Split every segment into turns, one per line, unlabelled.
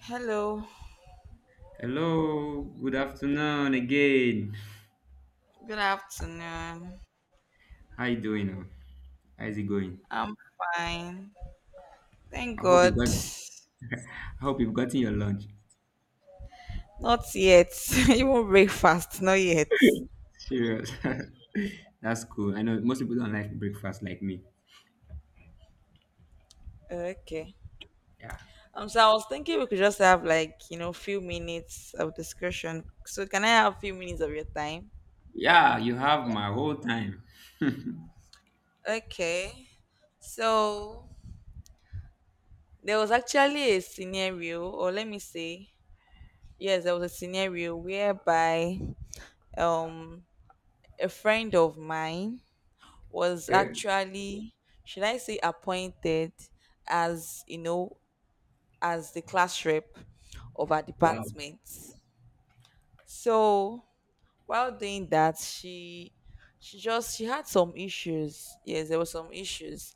Hello,
Hello, good afternoon again.
good afternoon.
How you doing? How is it going?
I'm fine. Thank
I hope
God.
you've got I hope you've gotten your lunch.
Not yet. Even breakfast, not yet.
Serious. That's cool. I know most people don't like breakfast like me.
Okay.
Yeah.
So I was thinking we could just have like, few minutes of discussion. So can I have a few minutes of your time?
Yeah, you have my whole time.
Okay. So there was actually a scenario, or let me say, yes, there was a scenario whereby um a friend of mine was
Okay.
actually, should I say, appointed as you know as the class rep of our
Wow.
department. So while doing that, she had some issues. Yes, there were some issues,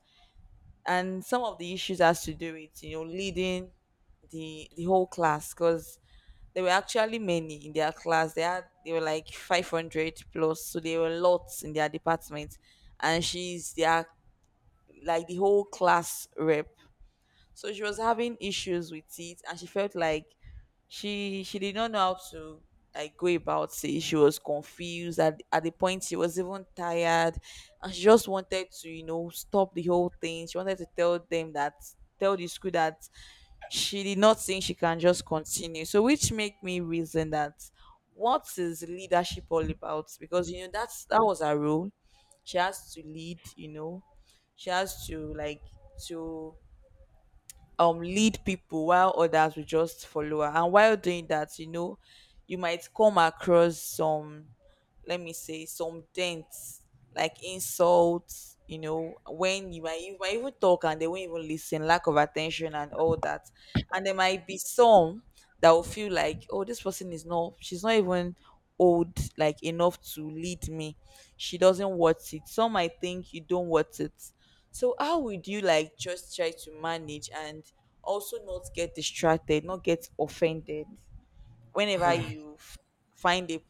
and some of the issues has to do with leading the whole class, because there were actually many in their class. They were like 500 plus, so they were lots in their department, and she's their like the whole class rep. So she was having issues with it, and she felt like she did not know how to like go about it. She was confused at the point. She was even tired, and she just wanted to stop the whole thing. She wanted to tell the school that she did not think she can just continue. So which make me reason that what is leadership all about? Because that was her role. She has to lead. She has to like to lead people while others will just follow her. And while doing that, you might come across some, let me say, some dents like insults. When you might even talk and they won't even listen, lack of attention and all that. And there might be some that will feel like, oh, this person is not, she's not even old like enough to lead me. She doesn't want it. Some might think you don't want it. So how would you like just try to manage and also not get distracted, not get offended whenever you f- find a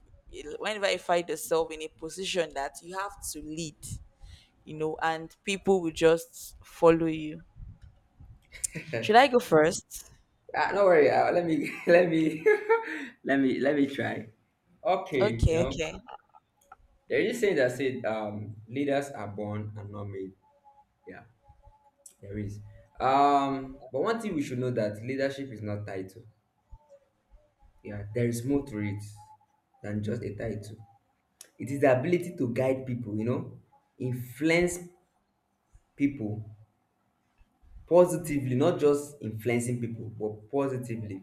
whenever you find yourself in a position that you have to lead, and people will just follow you. Should I go first?
Ah, no worry. Let me let me let me try. Okay, you
Okay,
know,
okay.
there is a saying that said leaders are born and not made. Yeah. There is. But one thing we should know that leadership is not title. Yeah, there is more to it than just a title. It is the ability to guide people, you know, influence people positively, not just influencing people, but positively.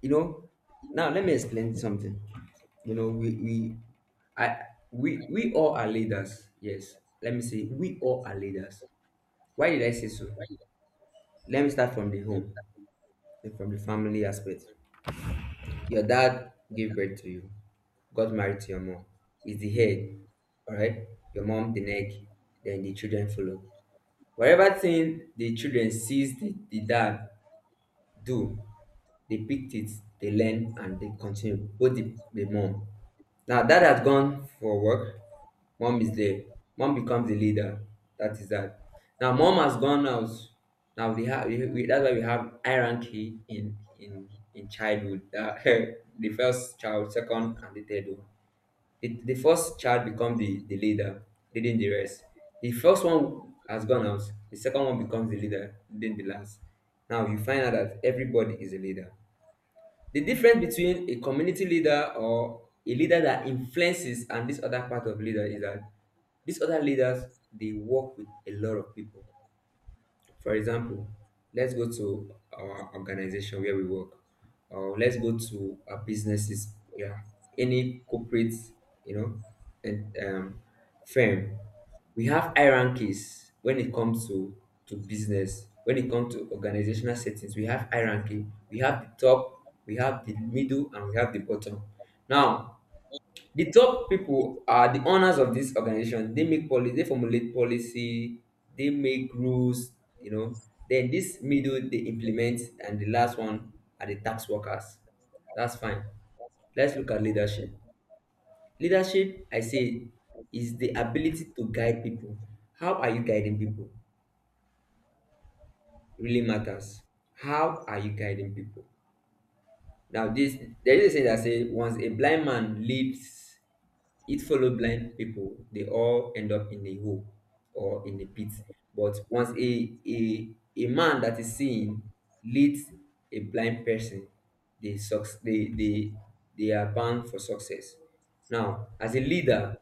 You know, now let me explain something. You know, we I we all are leaders. Yes. Let me say we all are leaders. Why did I say so? Let me start from the home, from the family aspect. Your dad gave birth to you, got married to your mom, is the head, alright? Your mom, the neck, then the children follow. Whatever thing the children sees the dad do, they picked it, they learn, and they continue. Both the mom. Now dad has gone for work. Mom is there. Mom becomes the leader. That is that. Now mom has gone out. Now we have we- that's why we have hierarchy in childhood. That the first child, second, and the third one. The first child become the leader, leading the rest. The first one has gone out. The second one becomes the leader, leading the last. Now you find out that everybody is a leader. The difference between a community leader or a leader that influences and this other part of leader is that these other leaders they work with a lot of people. For example, let's go to our organization where we work, or let's go to our businesses, yeah, any corporate, you know, and firm. We have hierarchies when it comes to business. When it comes to organizational settings, we have hierarchy. We have the top, we have the middle, and we have the bottom. Now, the top people are the owners of this organization. They make policy, they formulate policy, they make rules, you know. Then this middle they implement, and the last one are the tax workers. That's fine. Let's look at leadership. Leadership, I say, is the ability to guide people. How are you guiding people? Really matters. How are you guiding people? Now, this there is a saying that says once a blind man leads, it follow blind people. They all end up in a hole or in a pit. But once a man that is seeing leads a blind person, they suc- they they they are bound for success. Now, as a leader,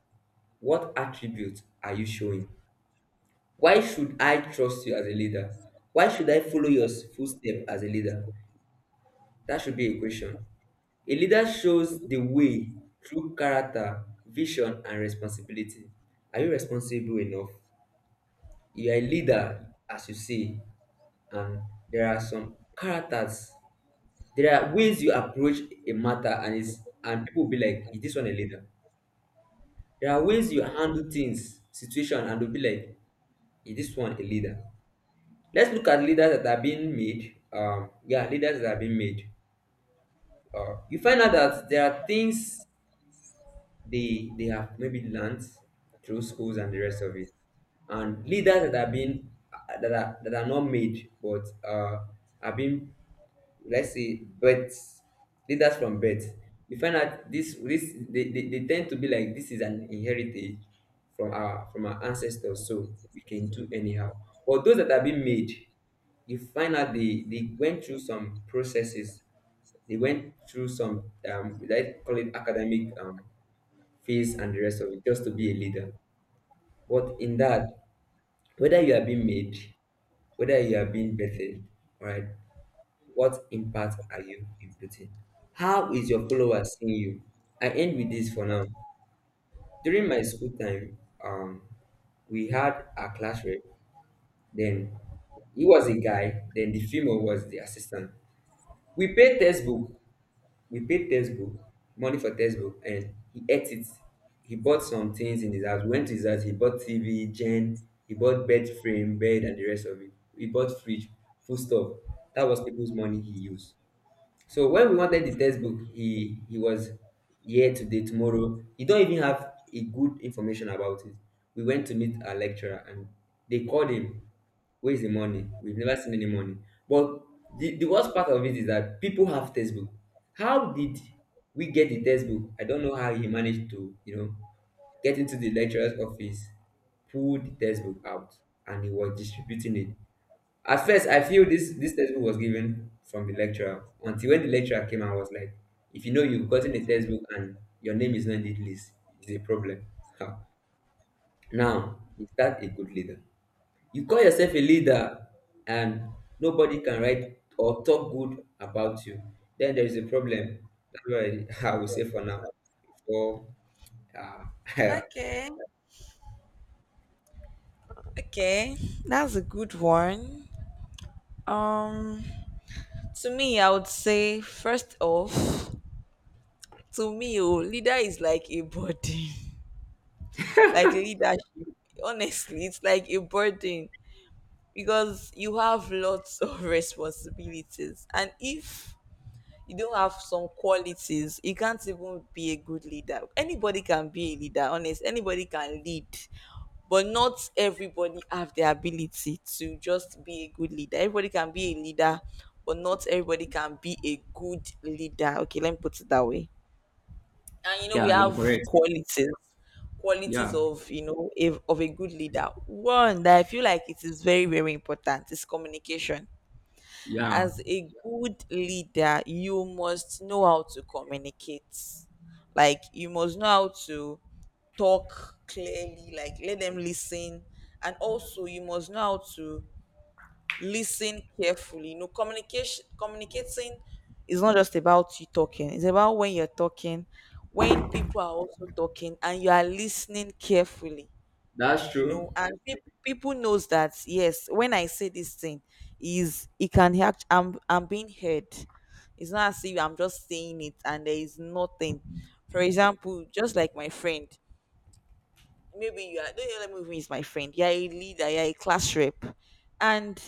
what attributes are you showing? Why should I trust you as a leader? Why should I follow your footstep as a leader? That should be a question. A leader shows the way through character, vision, and responsibility. Are you responsible enough? You are a leader, as you say, and there are some characters. There are ways you approach a matter, and is and people will be like, "Is this one a leader?" There are ways you handle things, situation, and they'll be like, "Is this one a leader?" Let's look at leaders that are being made. Yeah, leaders that are being made. You find out that there are things they have maybe learned through schools and the rest of it, and leaders that are being, that are not made but are being, let's say, births, leaders from birth. You find out this this they tend to be like this is an inheritance from our ancestors, so we can do anyhow. But those that are being made, you find out they went through some processes, they went through some let's call it academic face and the rest of it, just to be a leader. But in that, whether you are being made, whether you are being birthed, right? What impact are you inputting? How is your followers seeing you? I end with this for now. During my school time, um, we had a class rep. Then he was a guy. Then the female was the assistant. We paid textbook. We paid textbook, money for textbook, and he ate it. He bought some things in his house. We went to his house. He bought TV, gen, he bought bed frame, bed, and the rest of it. He bought fridge, food stuff. That was people's money he used. So when we wanted the textbook, he was here today, tomorrow. He don't even have a good information about it. We went to meet our lecturer and they called him. Where is the money? We've never seen any money. But the worst part of it is that people have textbook. How did we get the textbook? I don't know how he managed to, you know, get into the lecturer's office, pull the textbook out, and he was distributing it. At first, I feel this textbook was given from the lecturer until when the lecturer came and was like, if you know you've gotten a textbook and your name is not in the list, it's a problem. Ha. Now, is that a good leader? You call yourself a leader and nobody can write or talk good about you, then there is a problem. That's what I will say for now. For, uh,
Okay. Okay. That's a good one. Um to me, I would say first off, to me, leader is like a burden, like leadership. Honestly, it's like a burden, because you have lots of responsibilities. And if you don't have some qualities, you can't even be a good leader. Anybody can be a leader, honest. Anybody can lead, but not everybody have the ability to just be a good leader. Everybody can be a leader, but not everybody can be a good leader. Okay, let me put it that way. And we
yeah, you're
have
correct.
qualities
Yeah,
of a good leader. One that I feel like it is very, very important is communication.
yeah.
As a good leader, you must know how to communicate, like you must know how to talk clearly. Like, let them listen, and also you must know how to listen carefully. You know, communication communicating is not just about you talking. It's about when you're talking, when people are also talking, and you are listening carefully.
That's
You
true.
know, and pe- people knows that, yes, when I say this thing, is it can act. I'm being heard. It's not as if I'm just saying it and there is nothing. For example, just like my friend, maybe you are, don't let me, is my friend. You're a leader. You're a class rep, and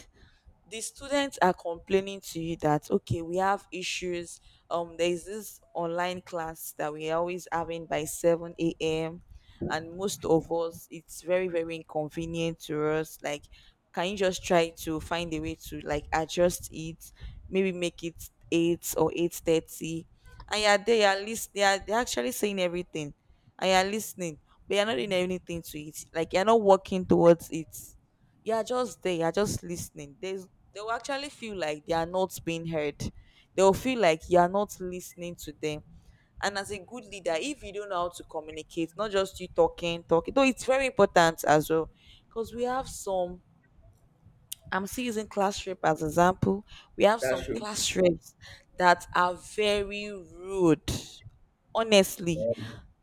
the students are complaining to you that okay we have issues. There is this online class that we're always having by 7 a.m., and most of us it's very, very inconvenient to us, like can you just try to find a way to like adjust it? Maybe make it 8 or 8:30. And yeah, they are list they are they're actually saying everything, and you're listening, but you're not doing anything to it. Like, you're not working towards it. You're just there, you're just listening. There's they'll actually feel like they are not being heard. They'll feel like you are not listening to them. And as a good leader, if you don't know how to communicate, not just you talking, talking, though it's very important as well. Because we have some, I'm still using class rep as example. We have
That's
some
true.
class reps that are very rude. Honestly,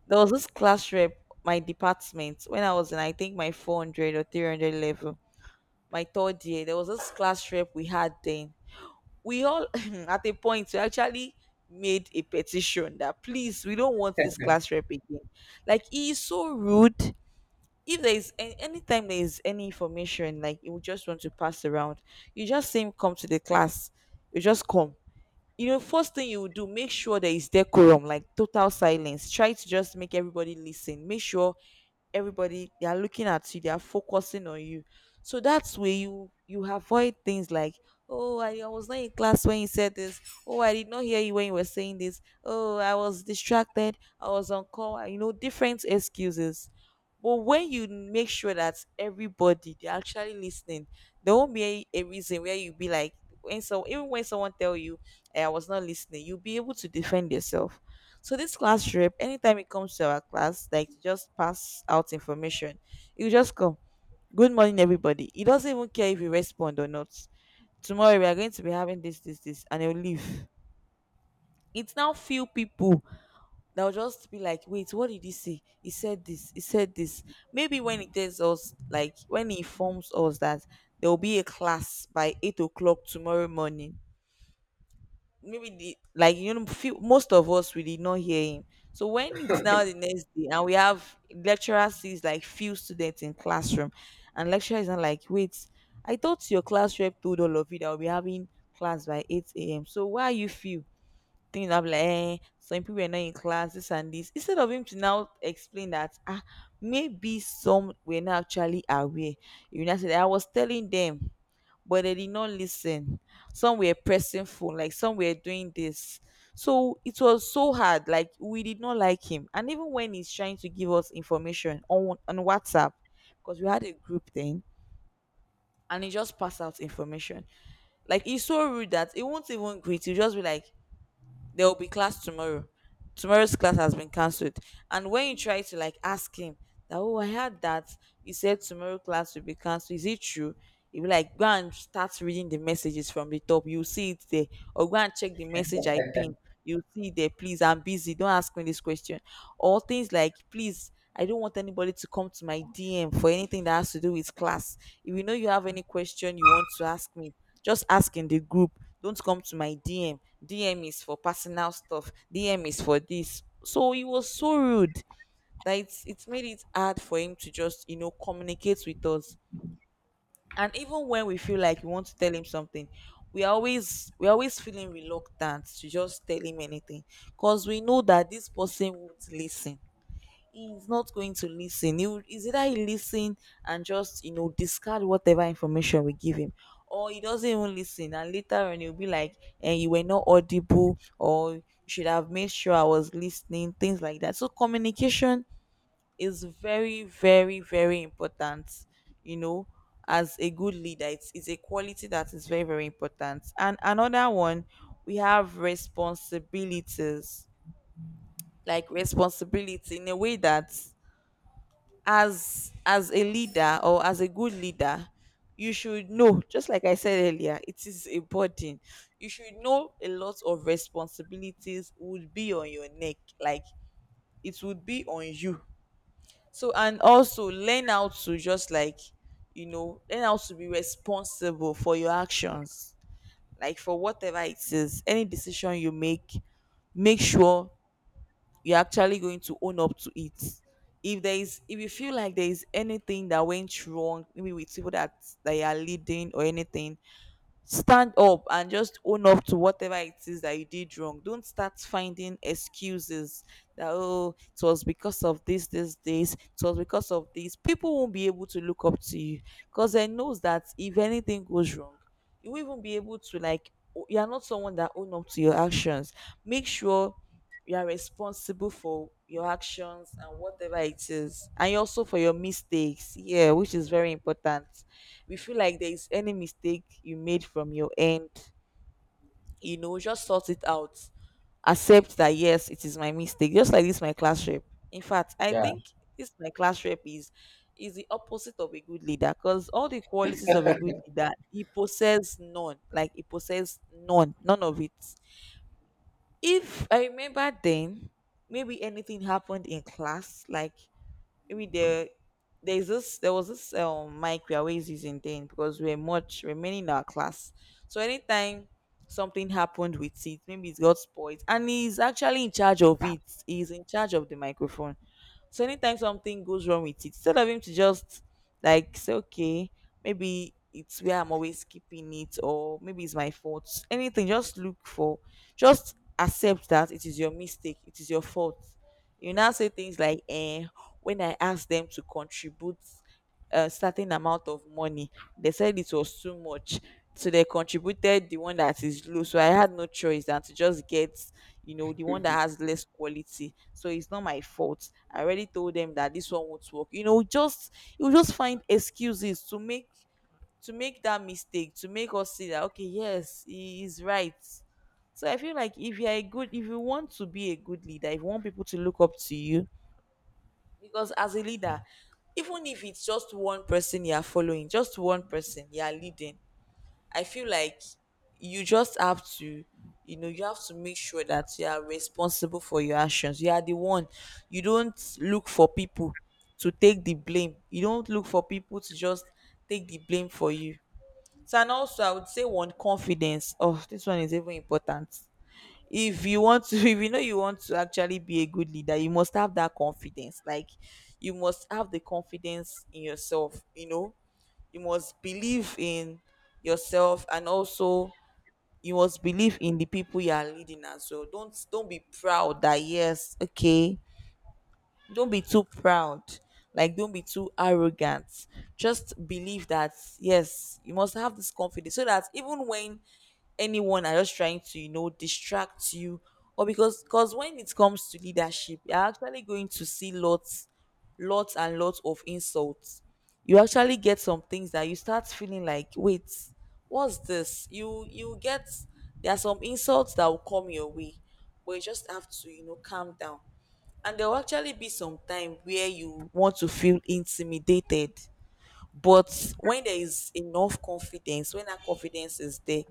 there was this class rep, my department, when I was in, I think, my 400 or 300 level, my third year, there was this class rep we had then. We all, at a point, we actually made a petition that please, we don't want this class rep again. Like, he is so rude. If there is anytime there is any information, like you just want to pass around, you just see him come to the class. You just come. You know, first thing you would do, make sure there is decorum, like total silence. Try to just make everybody listen. Make sure everybody they are looking at you, they are focusing on you. So that's where you avoid things like, oh, I was not in class when you said this. Oh, I did not hear you when you were saying this. Oh, I was distracted, I was on call, and, different excuses. But when you make sure that everybody they're actually listening, there won't be a reason where you'll be like, when so even when someone tell you, "I was not listening," you'll be able to defend yourself. So this class rep, anytime it comes to our class, like to just pass out information, he will just come. Good morning, everybody. He doesn't even care if you respond or not. Tomorrow we are going to be having this, this, this, and he'll leave. It's now few people that will just be like, wait, what did he say? He said this, he said this. Maybe when he tells us, like when he informs us that there will be a class by 8 o'clock tomorrow morning, maybe the like few, most of us we did not hear him. So when it's now the next day, and we have lecturer sees like few students in classroom, and lecturer is not like, wait, I thought your class rep told all of you that we'll be having class by 8 a.m., so why are you few? Things I'm like, some people were not in class this and this. Instead of him to now explain that, maybe some were not actually aware. I said I was telling them, but they did not listen. Some were pressing phone, like some were doing this. So it was so hard, like we did not like him. And even when he's trying to give us information on WhatsApp, because we had a group then, and he just passed out information, like he's so rude that he won't even greet you, just be like, there will be class tomorrow. Tomorrow's class has been cancelled. And when you try to like ask him that, oh, I heard that you said tomorrow class will be cancelled. Is it true? He'll be like, go and start reading the messages from the top. You'll see it there. Or go and check the message I pinned. You'll see it there. Please, I'm busy. Don't ask me this question. Or things like, please. I don't want anybody to come to my DM for anything that has to do with class. If you know you have any question you want to ask me, just ask in the group. Don't come to my DM. DM is for personal stuff. DM is for this. So he was so rude that it's made it hard for him to just communicate with us. And even when we feel like we want to tell him something, we always feeling reluctant to just tell him anything. Because we know that this person won't listen, he's not going to listen. He would, is either he listen and just discard whatever information we give him, or he doesn't even listen, and later on he'll be like, "And you were not audible, or you should have made sure I was listening," things like that. So communication is very, very, very important. You know, as a good leader, it's a quality that is very, very important. And another one, we have responsibilities, like responsibility in a way that as a leader or as a good leader, you should know, just like I said earlier, it is a burden. You should know a lot of responsibilities would be on your neck, like it would be on you. So and also learn how to just like, learn how to be responsible for your actions, like for whatever it is, any decision you make, make sure you're actually going to own up to it. If there is, if you feel like there is anything that went wrong, maybe with people that you are leading or anything, stand up and just own up to whatever it is that you did wrong. Don't start finding excuses that, oh, it was because of this, this, this, it was because of this. People won't be able to look up to you because they knows that if anything goes wrong, you won't even be able to like, you are not someone that own up to your actions. Make sure you are responsible for your actions and whatever it is, and also for your mistakes, yeah, which is very important. We feel like there is any mistake you made from your end, just sort it out. Accept that, yes, it is my mistake. Just like this, my class rep. In fact, I
Yeah.
think this my class rep is the opposite of a good leader because all the qualities of a good leader he possesses none. Like he possesses none, none of it. If I remember then, maybe anything happened in class, like with the, there was this mic we are always using then because we're much remaining in our class. So anytime something happened with it, maybe it got spoiled, and he's actually in charge of it. He's in charge of the microphone. So anytime something goes wrong with it, instead of him to just like say, okay, maybe it's where I'm always keeping it, or maybe it's my fault. Anything, just look for, just accept that it is your mistake, it is your fault. You now say things like, eh, when I asked them to contribute a certain amount of money, they said it was too much. So they contributed the one that is low. So I had no choice than to just get, the one that has less quality, so it's not my fault. I already told them that this one won't work, just, you just find excuses to make, to make that mistake, to make us see that, okay, yes, he is right. So I feel like if you're a good, if you want to be a good leader, if you want people to look up to you, because as a leader, even if it's just one person you're following, just one person you're leading, I feel like you just have to, you have to make sure that you are responsible for your actions. You are the one. You don't look for people to take the blame. You don't look for people to just take the blame for you. So and also I would say one, confidence. Oh, this one is even important. If you want to, if you know you want to actually be a good leader, you must have that confidence. Like you must have the confidence in yourself. You know, you must believe in yourself, and also you must believe in the people you are leading as well. Don't be proud that, yes, okay, don't be too proud, like don't be too arrogant. Just believe that, yes, you must have this confidence so that even when anyone are just trying to, distract you, or because when it comes to leadership, you're actually going to see lots, lots and lots of insults. You actually get some things that you start feeling like, wait, what's this? You get, there are some insults that will come your way, but you just have to, calm down. And there will actually be some time where you want to feel intimidated. But when there is enough confidence, when that confidence is there,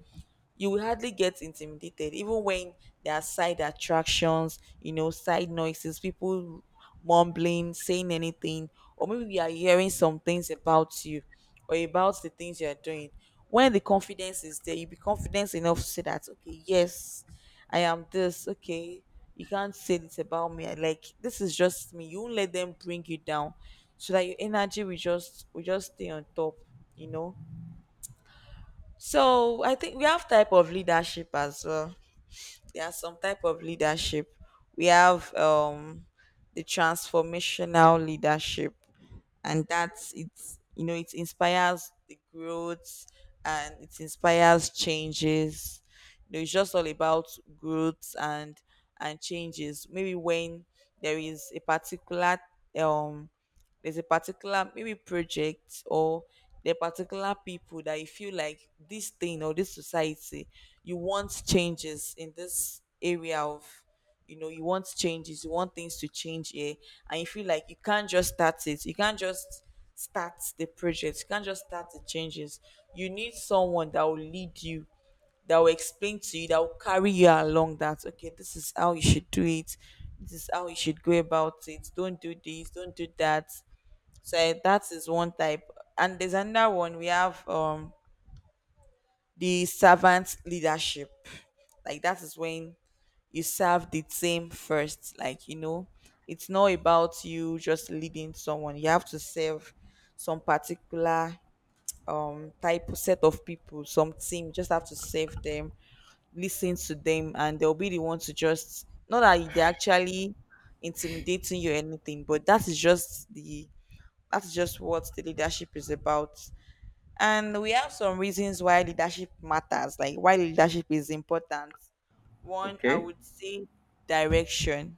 you will hardly get intimidated even when there are side attractions, you know, side noises, people mumbling, saying anything, or maybe we are hearing some things about you, or about the things you are doing. When the confidence is there, you be confident enough to say that, okay, yes, I am this, okay, you can't say this about me. I like, this is just me. You won't let them bring you down, so that your energy will just, will just stay on top, you know. So I think we have type of leadership as well. There are some type of leadership. We have the transformational leadership, and that's, it's, you know, it inspires the growth and it inspires changes. You know, it's just all about growth and changes. Maybe when there is a particular um there's a particular maybe project, or the particular people that you feel like this thing or this society, you want changes in this area of, you know, you want changes, you want things to change here, and you feel like you can't just start it, you can't just start the project, you can't just start the changes. You need someone that will lead you, that will explain to you, that will carry you along that, okay, this is how you should do it. This is how you should go about it. Don't do this, don't do that. So eh, that is one type. And there's another one we have, the servant leadership. Like that is when you serve the team first. Like, you know, it's not about you just leading someone. You have to serve some particular type set of people, some team. You just have to serve them, listen to them, and they'll be the one to just, not that they are actually intimidating you or anything, but that is just the, that's just what the leadership is about. And we have some reasons why leadership matters, like why leadership is important. One, I
Okay.
would say direction,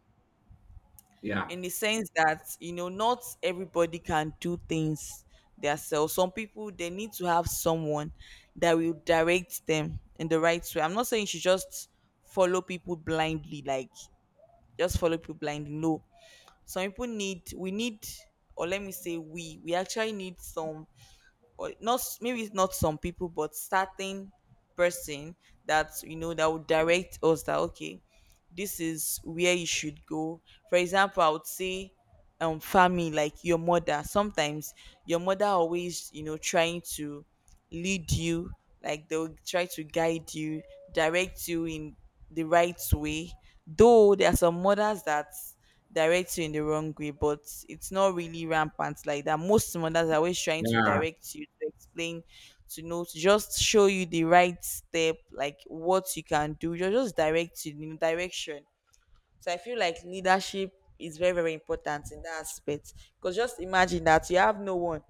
Yeah.
in the sense that, you know, not everybody can do things themselves. Some people, they need to have someone that will direct them in the right way. I'm not saying you should just follow people blindly, like just follow people blindly. No. Some people need, we need, or let me say, we actually need some, or not s-, maybe it's not some people but certain person that, you know, that would direct us that, okay, this is where you should go. For example, I would say family, like your mother. Sometimes your mother always, you know, trying to lead you, like they'll try to guide you, direct you in the right way. Though there are some mothers that direct you in the wrong way, but it's not really rampant like that. Most mothers are always trying to
Yeah,
direct you, to explain, to know, to just show you the right step, like what you can do, just direct you in direction. So I feel like leadership is very, very important in that aspect, because just imagine that you have no one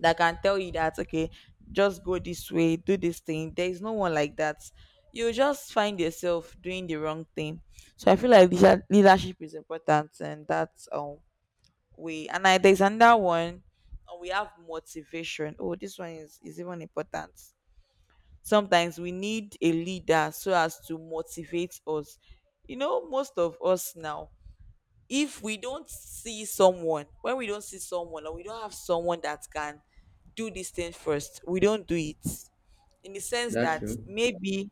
that can tell you that, okay, just go this way, do this thing, there is no one like that, you just find yourself doing the wrong thing. So I feel like leadership is important, and that's, way. And I, there's another one, we have motivation. Oh, this one is even important. Sometimes we need a leader so as to motivate us. You know, most of us now, if we don't see someone, when we don't see someone, or we don't have someone that can do this thing first, we don't do it, in the sense
that's
that
true.
maybe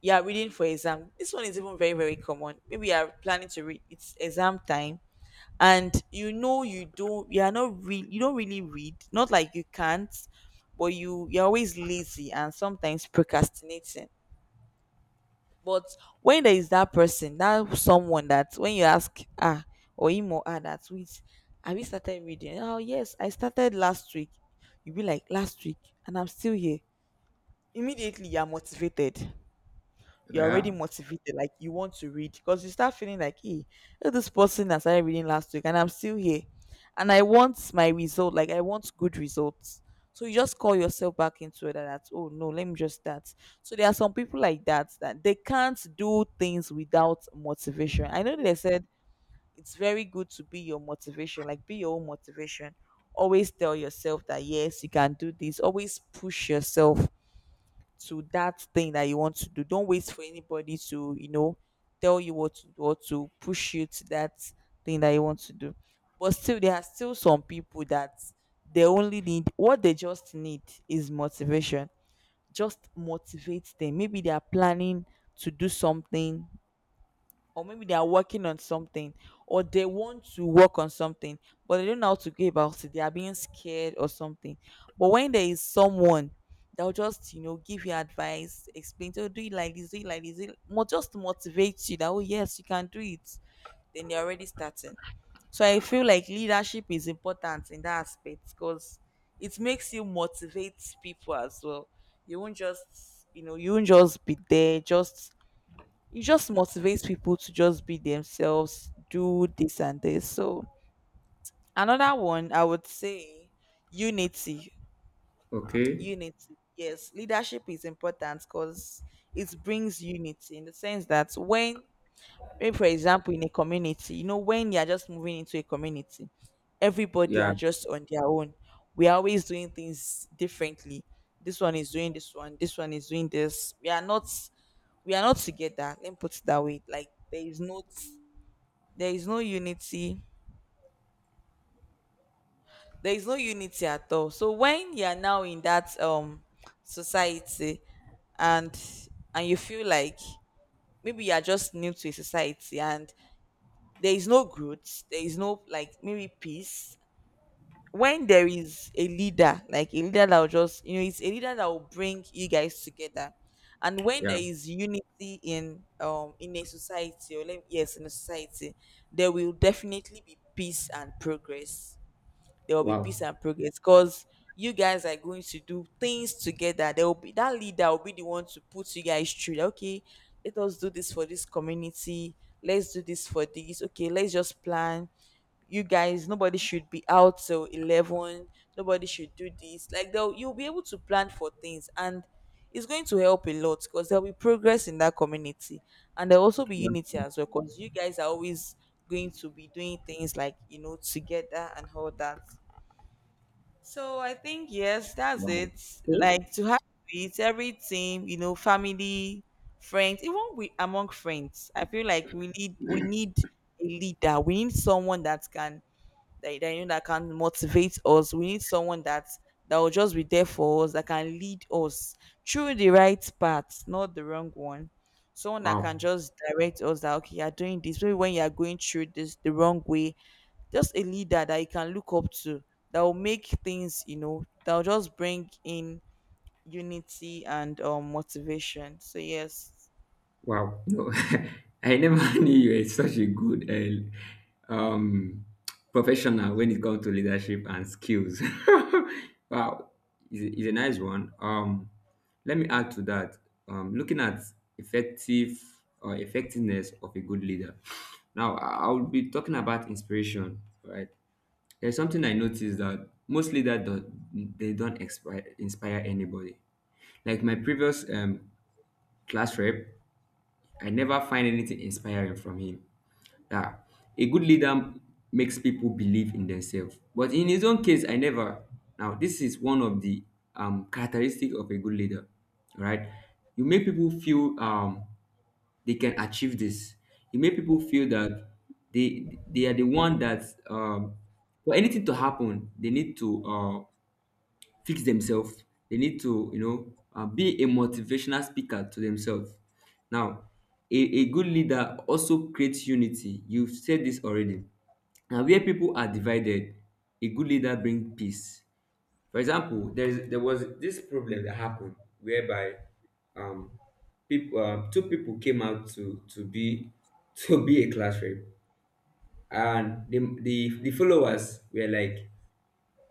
you are reading for exam. This one is even very, very common. Maybe you are planning to read, it's exam time, and you know, you don't, you are not real, you don't really read, not like you can't, but you, you're always lazy and sometimes procrastinating. But when there is that person, that someone that when you ask, ah, or him or her that, which, have you started reading? Oh yes, I started last week. You be like, last week, and I'm still here. Immediately you are motivated, you're already
Yeah.
motivated, like you want to read because you start feeling like, hey, look, this person that started reading last week and I'm still here. And I want my result, like I want good results. So you just call yourself back into it that that's, oh no, let me just start. So there are some people like that, that they can't do things without motivation. I know they said it's very good to be your motivation, like be your own motivation. Always tell yourself that, yes, you can do this. Always push yourself to that thing that you want to do. Don't wait for anybody to, you know, tell you what to do or to push you to that thing that you want to do. But still, there are still some people that they only need, what they just need is motivation. Just motivate them. Maybe they are planning to do something, or maybe they are working on something, or they want to work on something, but they don't know how to go about it. They are being scared or something. But when there is someone, they'll just give you advice, explain to you, do it like this, do it like this, do it, just to motivate you that, oh yes, you can do it, then you're already starting. So I feel like leadership is important in that aspect, because it makes you motivate people as well. You won't just you won't just be there, just it just motivates people to just be themselves, do this and this. So another one I would say, unity.
Okay.
Unity. Yes, leadership is important because it brings unity, in the sense that when, maybe for example in a community, when you're just moving into a community, everybody
Yeah.
are just on their own. We are always doing things differently. This one is doing this one is doing this. We are not together. Let me put it that way. Like there is not, there is no unity, there is no unity at all. So when you are now in that society, and and you feel like maybe you are just new to a society, and there is no growth, there is no like maybe peace. When there is a leader, like a leader that will just it's a leader that will bring you guys together, and when
Yeah.
there is unity in a society, or let, yes in a society, there will definitely be peace and progress. There will be
Wow.
peace and progress, because you guys are going to do things together. There will be, that leader will be the one to put you guys through. That, okay, let us do this for this community. Let's do this for this. Okay, let's just plan. You guys, nobody should be out till 11. Nobody should do this. Like they'll, you'll be able to plan for things, and it's going to help a lot because there'll be progress in that community, and there'll also be
That's
unity
true.
as well because you guys are always going to be doing things like, together and all that. So I think, yes, that's
Wow.
it.
Okay.
Like to have it, every team, family, friends, even we among friends. I feel like we need a leader. We need someone that can, that that can motivate us. We need someone that that will just be there for us, that can lead us through the right path, not the wrong one. Someone that
Wow.
can just direct us that, okay, you're doing this. Maybe when you're going through this the wrong way, just a leader that you can look up to, that will make things, that will just bring in unity and motivation. So yes.
Wow. No, I never knew you were such a good professional when it comes to leadership and skills. Wow. Is a nice one. Let me add to that. Looking at effective or effectiveness of a good leader. Now, I will be talking about inspiration, right? There's something I noticed that most leaders don't, they don't inspire anybody. Like my previous class rep, I never find anything inspiring from him. Yeah. A good leader makes people believe in themselves. But in his own case, I never. Now, this is one of the characteristic of a good leader, right? You make people feel they can achieve this. You make people feel that they are the one that um, for anything to happen, they need to fix themselves. They need to, you know, be a motivational speaker to themselves. Now, a good leader also creates unity. You've said this already. Now, where people are divided, a good leader brings peace. For example, there was this problem that happened whereby um, people, two people came out to be to be a class rep, and the followers were like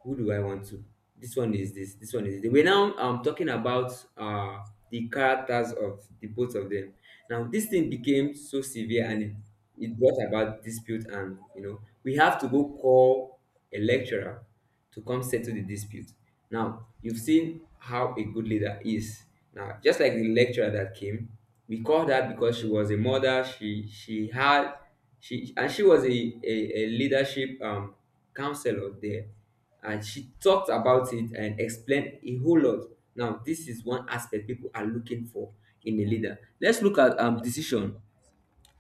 who do I want to? This one is this. This one is this. We're now talking about the characters of the both of them. Now this thing became so severe and it brought about dispute, and you know we have to go call a lecturer to come settle the dispute. Now you've seen how a good leader is. Now just like the lecturer that came, we called her because she was a mother. She was a leadership counselor there, and she talked about it and explained a whole lot. Now, this is one aspect people are looking for in a leader. Let's look at decision.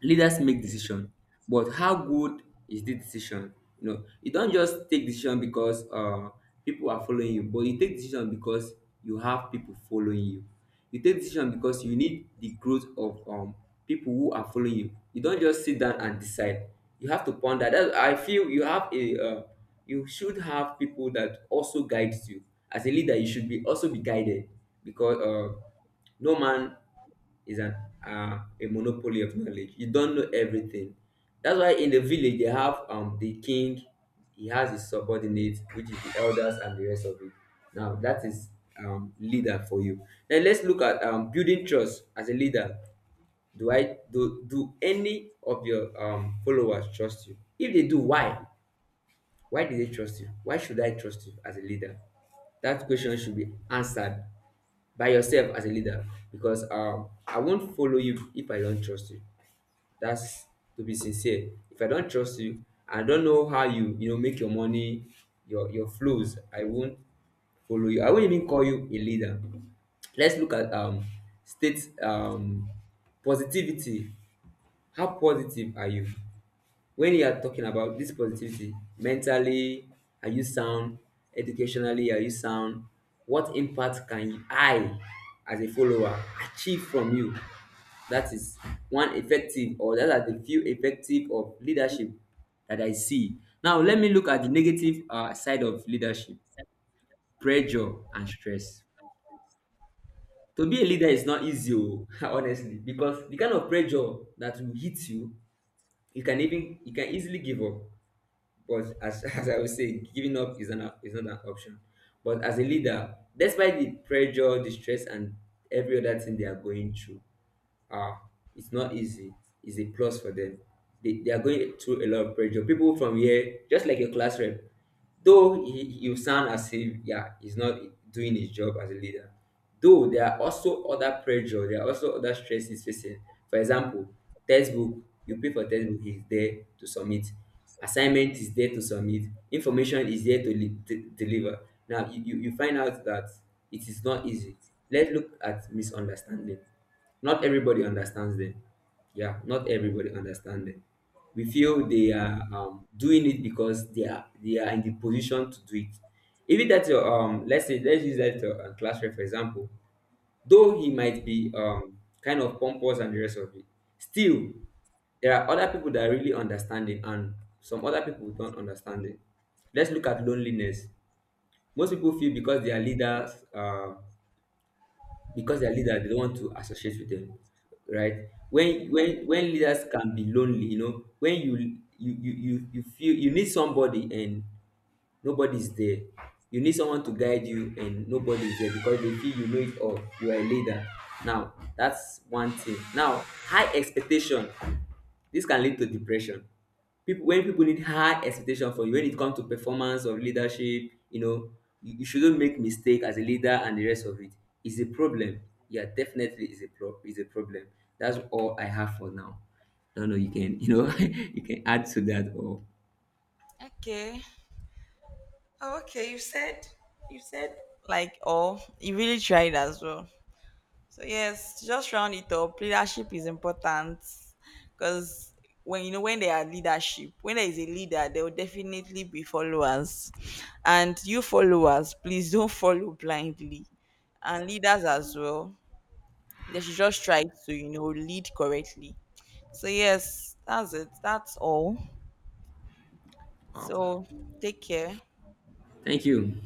Leaders make decision, but how good is the decision? You know, you don't just take decision because people are following you, but you take decision because you have people following you. You take decision because you need the growth of people who are following you. You don't just sit down and decide, you have to ponder that. I feel you have a, you should have people that also guides you. As a leader you should be also be guided, because no man is an a monopoly of knowledge. You don't know everything. That's why in the village they have the king, he has his subordinates, which is the elders and the rest of it. Now that is leader for you. Now let's look at building trust as a leader. Do I do do any of your followers trust you? If they do, why? Why do they trust you? Why should I trust you as a leader? That question should be answered by yourself as a leader, because I won't follow you if I don't trust you. That's, to be sincere, if I don't trust you, I don't know how you, you know, make your money, your flows, I won't follow you, I won't even call you a leader. Let's look at state, positivity. How positive are you? When you are talking about this positivity, mentally are you sound? Educationally are you sound? What impact can I as a follower achieve from you? That is one effective, or that are the few effective of leadership that I see. Now let me look at the negative side of leadership. Pressure and stress. To be a leader is not easy o, honestly, because the kind of pressure that will hit you, you can even you can easily give up. But as, as I would say, giving up not is not an option. But as a leader, despite the pressure, the stress, and every other thing they are going through, ah, it's not easy. It's a plus for them. They are going through a lot of pressure. People from here, just like your class rep, though you sound as if yeah he's not doing his job as a leader, though there are also other pressure, there are also other stress he's facing. For example, textbook. You pay for textbook, he's there to submit. Assignment is there to submit, information is there to deliver. Now you find out that it is not easy. Let's look at misunderstanding. Not everybody understands them. Yeah, not everybody understands them. We feel they are, doing it because they are in the position to do it. Even that your let's say let's use that your class rep for example, though he might be kind of pompous and the rest of it, still there are other people that really understand it and some other people don't understand it. Let's look at loneliness. Most people feel because their leader they don't want to associate with them, right? When leaders can be lonely, you know, when you you feel you need somebody and nobody's there. You need someone to guide you and nobody's there because they feel you know it all, you are a leader. Now that's one thing. Now, high expectation. This can lead to depression. People when people need high expectation for you when it comes to performance or leadership, you know, you shouldn't make mistake as a leader and the rest of it, is a problem. Yeah, definitely is a pro is a problem. That's all I have for now. I don't know, you can, you know, you can add to that or
Okay. Oh, okay. You said, you said like, oh, you really tried as well. So yes, to just round it up, leadership is important because when, you know, when there are leadership, when there is a leader, there will definitely be followers. And you followers, please don't follow blindly. And leaders as well. They should just try to, you know, lead correctly. So yes, that's it. That's all.
wow.
So take care.
Thank you.